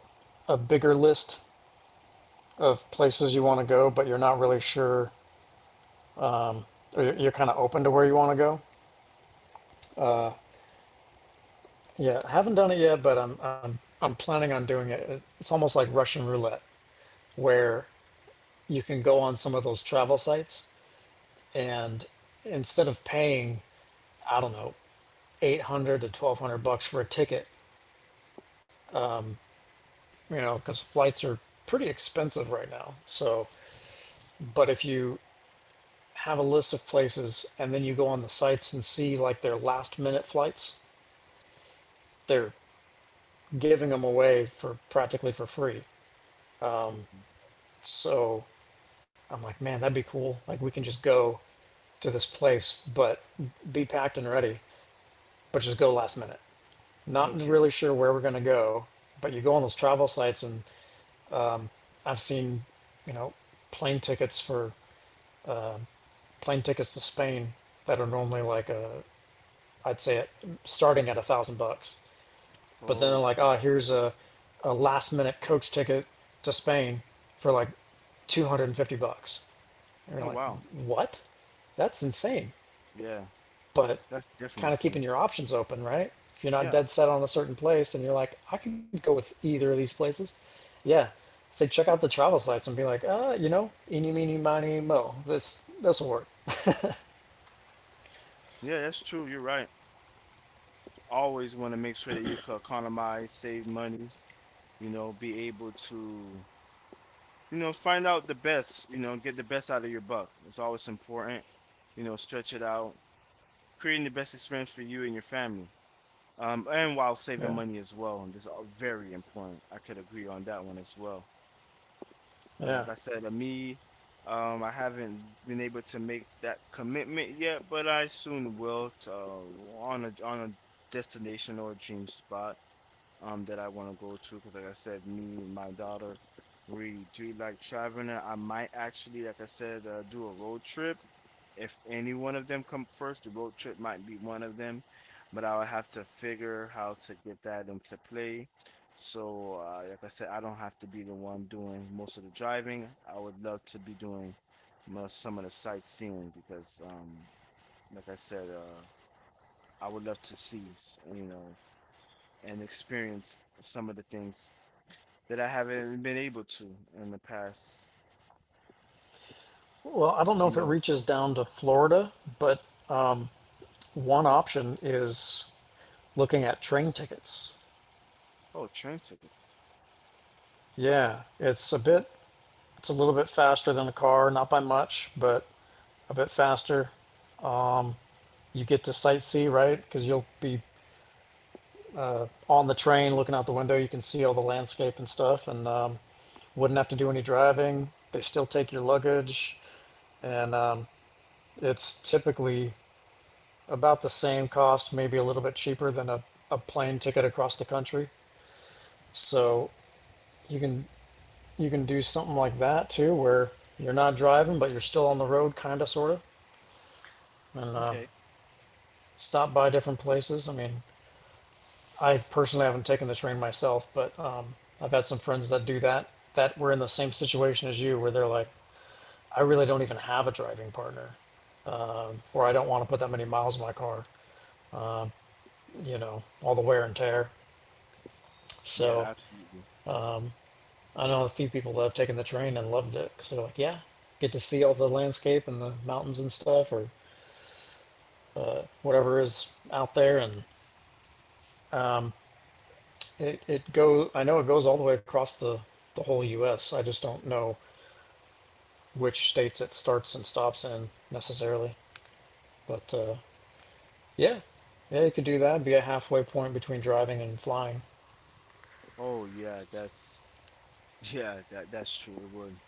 Speaker 2: a bigger list of places you want to go, but you're not really sure, or you're kind of open to where you want to go. Yeah, I haven't done it yet, but I'm planning on doing it. It's almost like Russian roulette, where you can go on some of those travel sites and instead of paying, I don't know, eight hundred to twelve hundred bucks for a ticket, you know, because flights are pretty expensive right now. So, but if you have a list of places and then you go on the sites and see like their last minute flights, they're giving them away for practically for free.
Speaker 1: Mhm.
Speaker 2: So I'm like, man, that'd be cool. Like we can just go to this place, but be packed and ready, but just go last minute. Not
Speaker 1: Okay.
Speaker 2: really sure where we're going to go, but you go on those travel sites, and I've seen, you know, plane tickets for plane tickets to Spain that are normally like a, I'd say, it, starting at $1,000, but then they're
Speaker 1: Oh,
Speaker 2: like,
Speaker 1: okay.
Speaker 2: oh, here's a last minute coach ticket to Spain for like $250, and you're
Speaker 1: Oh
Speaker 2: like,
Speaker 1: wow.
Speaker 2: what? That's insane.
Speaker 1: Yeah.
Speaker 2: But
Speaker 1: That's definitely
Speaker 2: kind
Speaker 1: the
Speaker 2: of
Speaker 1: same.
Speaker 2: keeping your options open, right? If you're not
Speaker 1: Yeah.
Speaker 2: dead set on a certain place and you're like, I could go with either of these places, yeah, say check out the travel sites and be like, you know, eeny, meeny, miny, mo. This will work.
Speaker 1: Yeah, that's true. You're right. Always want to make sure that you can economize, save money, you know, be able to, you know, find out the best, you know, get the best out of your buck. It's always important, you know, stretch it out, creating the best experience for you and your family. And while saving
Speaker 2: Yeah,
Speaker 1: money as well, and this is all very important. I could agree on that one as well.
Speaker 2: yeah.
Speaker 1: Like I said, me, I haven't been able to make that commitment yet, but I soon will. To, on a destination or a dream spot that I want to go to because like I said, me and my daughter, we do like traveling. I might actually, like I said, do a road trip. If any one of them come first, the road trip might be one of them, but I would have to figure how to get that into play. So, like I said, I don't have to be the one doing most of the driving. I would love to be doing some of the sightseeing because, like I said, I would love to see, you know, and experience some of the things that I haven't been able to in the past,
Speaker 2: Well, I don't know
Speaker 1: you
Speaker 2: if it
Speaker 1: know.
Speaker 2: reaches down to Florida, but um, one option is looking at train tickets.
Speaker 1: Oh, train tickets.
Speaker 2: Yeah, it's a little bit faster than a car, not by much, but a bit faster. You get to sightsee, right? Because you'll be on the train, looking out the window, you can see all the landscape and stuff, and wouldn't have to do any driving. They still take your luggage, and it's typically about the same cost, maybe a little bit cheaper than a plane ticket across the country. So you can you can do something like that too, where you're not driving, but you're still on the road, kind of, sort of, and
Speaker 1: Okay.
Speaker 2: stop by different places. I mean, I personally haven't taken the train myself, but I've had some friends that do that that were in the same situation as you, where they're like, I really don't even have a driving partner, or I don't want to put that many miles in my car, you know, all the wear and tear.
Speaker 1: Yeah,
Speaker 2: So
Speaker 1: absolutely.
Speaker 2: I know a few people that have taken the train and loved it because they're like, yeah, get to see all the landscape and the mountains and stuff, or whatever is out there, and it go. I know it goes all the way across the whole U.S. I just don't know which states it starts and stops in necessarily. But yeah, yeah, you could do that. Be a halfway point between driving and flying.
Speaker 1: Oh, yeah, that's yeah, that that's true. It would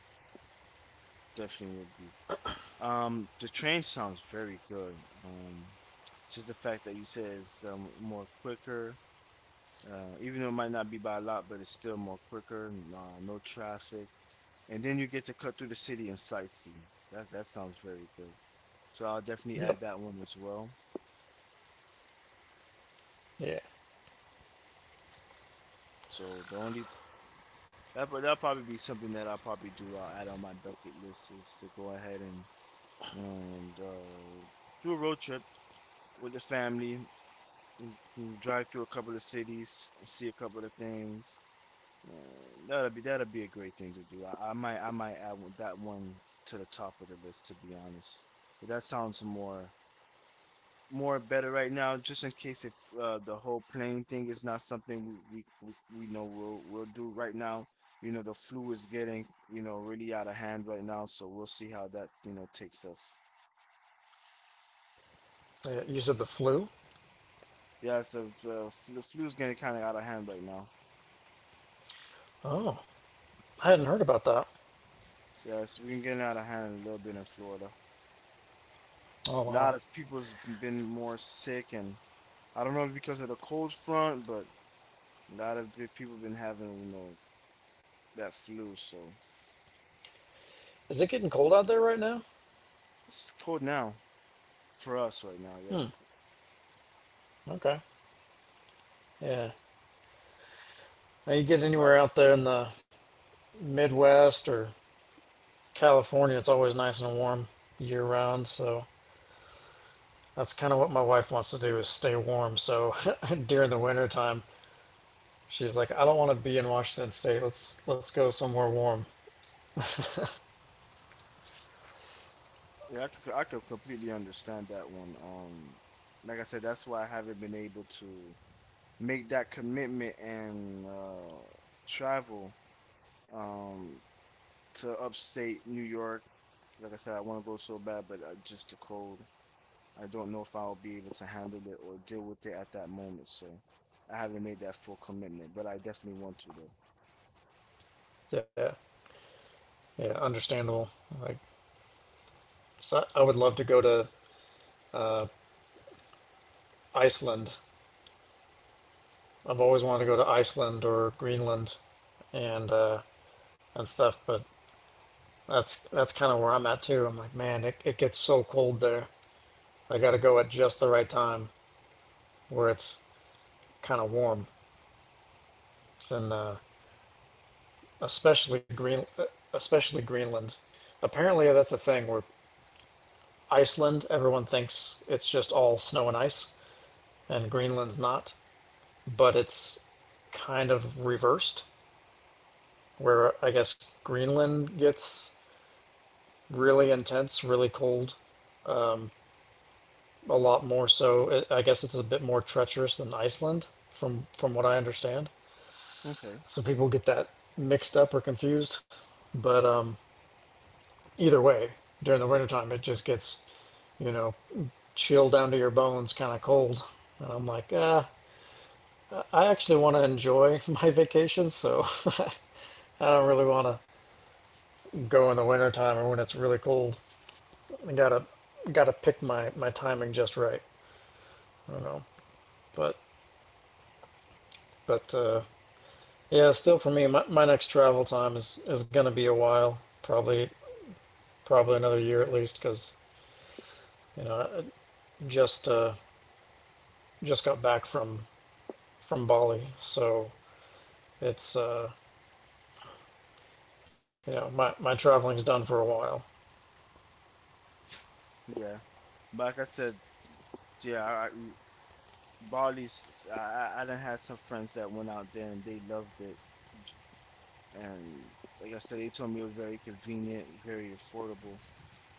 Speaker 1: definitely would be. The train sounds very good. Just the fact that you said it's more quicker. Even though it might not be by a lot, but it's still more quicker. No traffic, and then you get to cut through the city and sightsee. That that sounds very good. So I'll definitely
Speaker 2: Yep.
Speaker 1: add that one as well.
Speaker 2: Yeah.
Speaker 1: So the only That but that'll probably be something that I'll probably do. I'll add on my bucket list is to go ahead and and uh, do a road trip with the family and drive through a couple of cities see a couple of things. And that'll be a great thing to do. I might that one to the top of the list, to be honest. But that sounds more better right now, just in case if the whole plane thing is not something we know we'll do right now. You know, the flu is getting really out of hand right now, so we'll see how that takes us.
Speaker 2: Yeah. You said the flu?
Speaker 1: Yeah, so if, the flu's getting kind of out of hand right now.
Speaker 2: I hadn't heard about that.
Speaker 1: Yeah, it's been getting out of hand a little bit in Florida.
Speaker 2: Oh
Speaker 1: A lot
Speaker 2: wow.
Speaker 1: of people's been more sick, and I don't know if because of the cold front, but a lot of people been having that flu. So
Speaker 2: Is it getting cold out there right now?
Speaker 1: it's cold now for us right now. Yeah,
Speaker 2: Hmm.
Speaker 1: it's cold.
Speaker 2: Okay. Yeah. Now you get
Speaker 1: Right.
Speaker 2: anywhere out there in the Midwest or California, it's always nice and warm year round. So that's kind of what my wife wants to do is stay warm. So during the winter time, she's like, I don't want to be in Washington State. Let's go somewhere warm.
Speaker 1: Yeah, I could completely understand that one. Like I said, that's why I haven't been able to make that commitment and travel um to upstate New York. Like I said, I want to go so bad, but just the cold. I don't know if I'll be able to handle it or deal with it at that moment. So I haven't made that full commitment, but I definitely want to
Speaker 2: Yeah. Yeah, understandable. Like, so I would love to go to Iceland. I've always wanted to go to Iceland or Greenland, and and stuff. But that's kind of where I'm at too. I'm like, man, it gets so cold there. I got to go at just the right time where it's kind of warm. And especially Green, uh, especially Greenland. Apparently, that's a thing where Iceland, everyone thinks it's just all snow and ice, and Greenland's not. But it's kind of reversed where I guess Greenland gets really intense, really cold, a lot more so. It, I guess it's a bit more treacherous than Iceland, from what I understand.
Speaker 1: though. Okay,
Speaker 2: So people get that mixed up or confused. But either way, during the wintertime, it just gets, you know, chill down to your bones, kind of cold. And I'm like, ah, I actually want to enjoy my vacation, so I don't really want to go in the wintertime or when it's really cold. I gotta pick my timing just right. I don't know, but but uh, yeah, still for me, my next travel time is going to be a while, probably another year at least, because you know I just uh, just got back from Bali, so it's you know my my traveling's done for a while.
Speaker 1: yeah. But like I said, yeah, Bali's. I done had some friends that went out there and they loved it, and like I said, they told me it was very convenient, very affordable.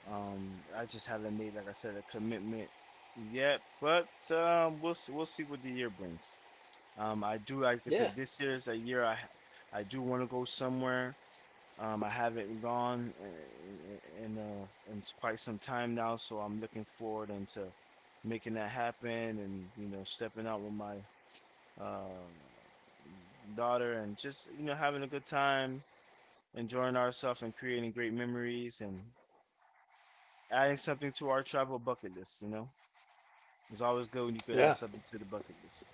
Speaker 1: I just haven't made, like I said, a commitment yet, but we'll see what the year brings. I do, like I said,
Speaker 2: Yeah.
Speaker 1: this year is a year. I do want to go somewhere. I haven't gone quite some time now, so I'm looking forward into making that happen and stepping out with my uh, daughter, and just having a good time, enjoying ourselves, and creating great memories, and adding something to our travel bucket list. You know, it's always good when you could add
Speaker 2: Yeah.
Speaker 1: something to the bucket list.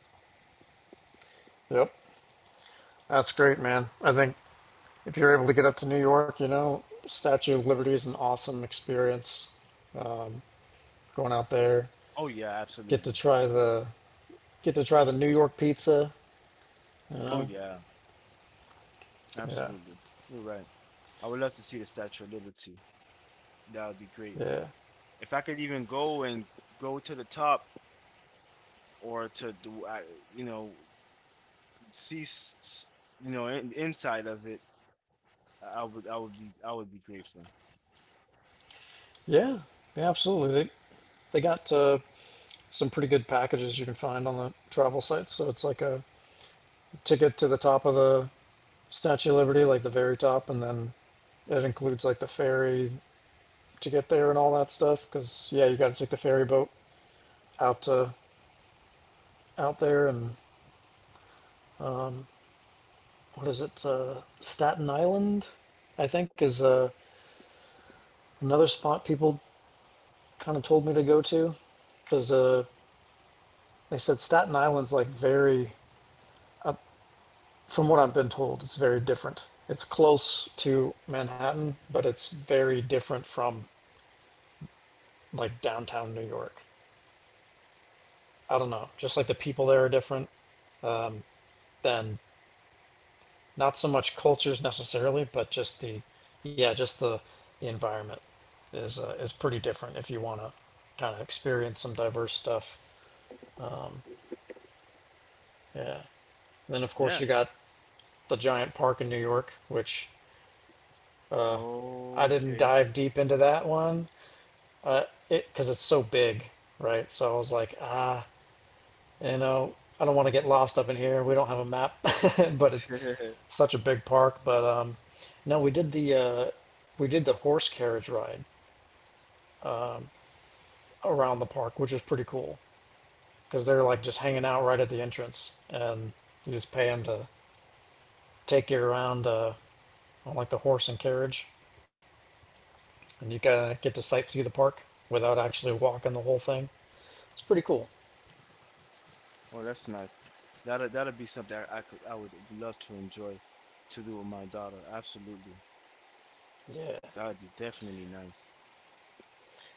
Speaker 2: Yep. That's great, man. I think if you're able to get up to New York, you know, Statue of Liberty is an awesome experience. Going out there,
Speaker 1: Oh yeah,
Speaker 2: get to
Speaker 1: absolutely.
Speaker 2: try the get to try the New York pizza.
Speaker 1: Oh yeah,
Speaker 2: Yeah.
Speaker 1: absolutely. You're right. I would love to see the Statue of Liberty. That would be great.
Speaker 2: Yeah.
Speaker 1: If I could even go and go to the top or to do, I, you know, see, s- s- you know, in, inside of it, I would be grateful.
Speaker 2: Yeah. Yeah, absolutely. They got some pretty good packages you can find on the travel sites. So it's like a ticket to the top of the Statue of Liberty, like the very top, and then it includes like the ferry to get there and all that stuff. Because yeah, you got to take the ferry boat out to out there, and what is it? Staten Island, I think, is another spot people kind of told me to go to because they said Staten Island's like very From what I've been told, it's very different. It's close to Manhattan, but it's very different from like downtown New York. I don't know. Just like the people there are different, then not so much cultures necessarily, but just the yeah, just the environment is pretty different if you want to kind of experience some diverse stuff. Yeah. And then of course
Speaker 1: Yeah.
Speaker 2: you got the giant park in New York, which I didn't
Speaker 1: Okay.
Speaker 2: dive deep into that one, uh, it because it's so big, right? So I was like, ah, you know, I don't want to get lost up in here. We don't have a map, but it's such a big park. But no, we did the horse carriage ride around the park, which was pretty cool because they're like just hanging out right at the entrance, and you just pay them to take you around on like the horse and carriage, and you kind of get to sightsee the park without actually walking the whole thing. It's pretty cool.
Speaker 1: Oh, that's nice. That that'll be something I would love to enjoy to do with my daughter. Absolutely.
Speaker 2: Yeah,
Speaker 1: That would be definitely nice.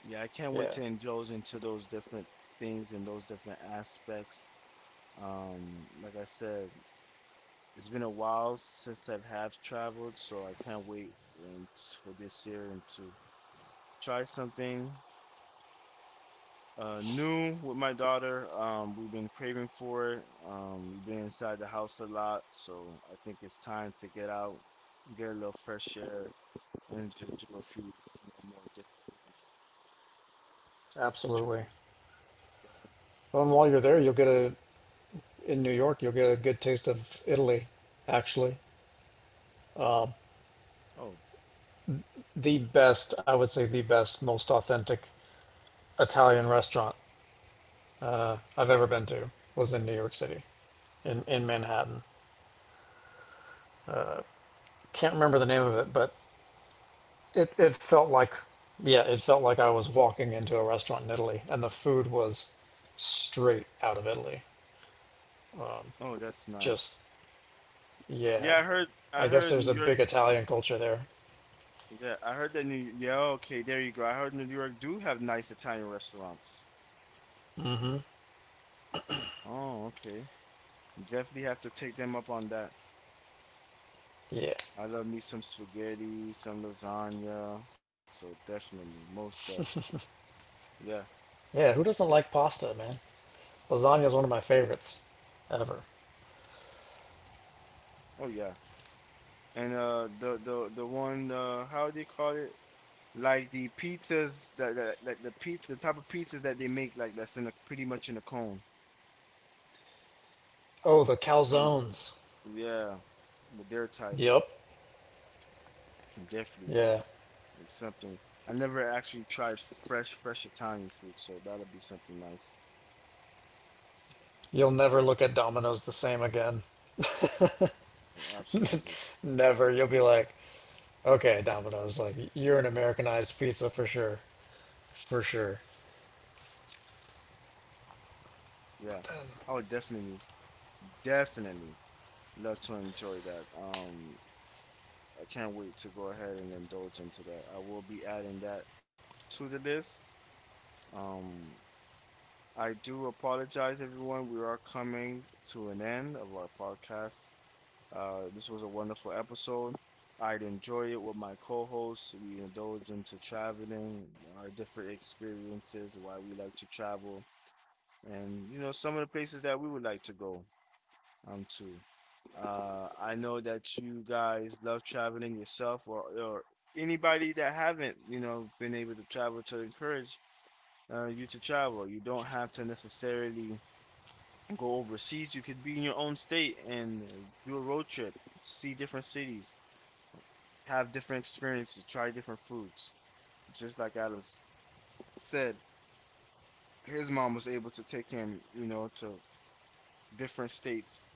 Speaker 1: Yeah, I can't
Speaker 2: yeah,
Speaker 1: wait to indulge into those different things and those different aspects. Like I said, it's been a while since I've have traveled, so I can't wait and for this year and to try something new with my daughter. We've been craving for it. We've been inside the house a lot, so I think it's time to get out, get a little fresh air, and just do a few, you know, more different things. Sure,
Speaker 2: absolutely. Well, and while you're there, you'll get a in New York, you'll get a good taste of Italy, actually.
Speaker 1: definitely.
Speaker 2: The best, I would say, the best, most authentic Italian restaurant I've ever been to was in New York City, in Manhattan. Can't remember the name of it, but it felt like, yeah, it felt like I was walking into a restaurant in Italy, and the food was straight out of Italy.
Speaker 1: Oh, oh, that's
Speaker 2: Just,
Speaker 1: nice. Yeah,
Speaker 2: yeah.
Speaker 1: I heard, I
Speaker 2: I guess
Speaker 1: heard
Speaker 2: there's
Speaker 1: New
Speaker 2: a
Speaker 1: York.
Speaker 2: big Italian culture there.
Speaker 1: Yeah, I heard that New. Yeah, okay, there you go. I heard New York do have nice Italian restaurants. Oh, okay. Definitely have to take them up on that.
Speaker 2: Yeah.
Speaker 1: I love me some spaghetti, some lasagna. So definitely, most def, yeah,
Speaker 2: Yeah, who doesn't like pasta, man? Lasagna is one of my favorites ever.
Speaker 1: oh yeah. And the the one how do you call it? Like the pizzas that that like the pizza, the type of pizzas that they make like that's in a pretty much in a cone.
Speaker 2: Oh, the
Speaker 1: Um,
Speaker 2: calzones.
Speaker 1: yeah, but their type
Speaker 2: Yep.
Speaker 1: definitely
Speaker 2: Yeah.
Speaker 1: it's something. I never actually tried fresh Italian food, so that'll be something nice.
Speaker 2: You'll never look at Domino's the same again.
Speaker 1: Yeah, absolutely,
Speaker 2: Never. You'll be like, okay, Domino's, like you're an Americanized pizza for sure, for sure.
Speaker 1: yeah. I would definitely love to enjoy that. I can't wait to go ahead and indulge into that. I will be adding that to the list. Um, I do apologize, everyone. We are coming to an end of our podcast. This was a wonderful episode. I'd enjoy it with my co-hosts. We indulge into traveling, our different experiences, why we like to travel, and you know some of the places that we would like to go. Um, too. I know that you guys love traveling yourself or anybody that haven't, you know, been able to travel to encourage you to travel. You don't have to necessarily go overseas. You could be in your own state and do a road trip, see different cities, have different experiences, try different foods. Just like said, his mom was able to take him, you know, to different states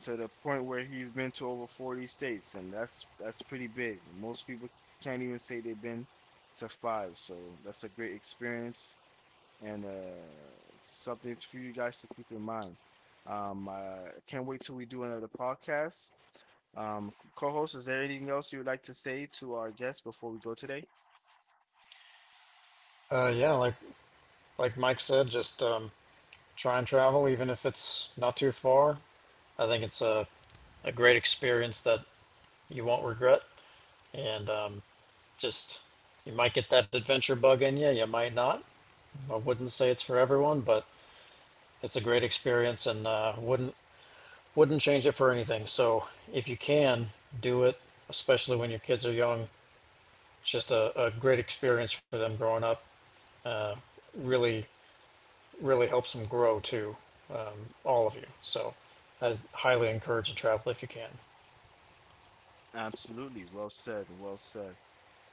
Speaker 1: to the point where he's been to over 40 states, and that's pretty big. Most people can't even say they've been to 5, so that's a great experience and something for you guys to keep in mind. I can't wait till we do another podcast. Co-host, is there anything else you would like to say to our guests before we go today?
Speaker 2: Yeah, like Mike said, just try and travel, even if it's not too far. I think it's a great experience that you won't regret, and just you might get that adventure bug in you, you might not. I wouldn't say it's for everyone, but it's a great experience, and wouldn't change it for anything. So if you can do it, especially when your kids are young, it's just a great experience for them growing up. Really, really helps them grow too, all of you. So I highly encourage the travel if you can.
Speaker 1: Absolutely. Well said. Well said.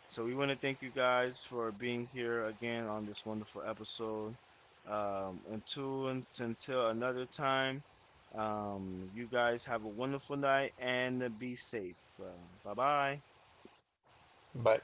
Speaker 1: So we want to thank you guys for being here again on this wonderful episode. Until another time, you guys have a wonderful night and be safe. Bye bye.
Speaker 2: Bye.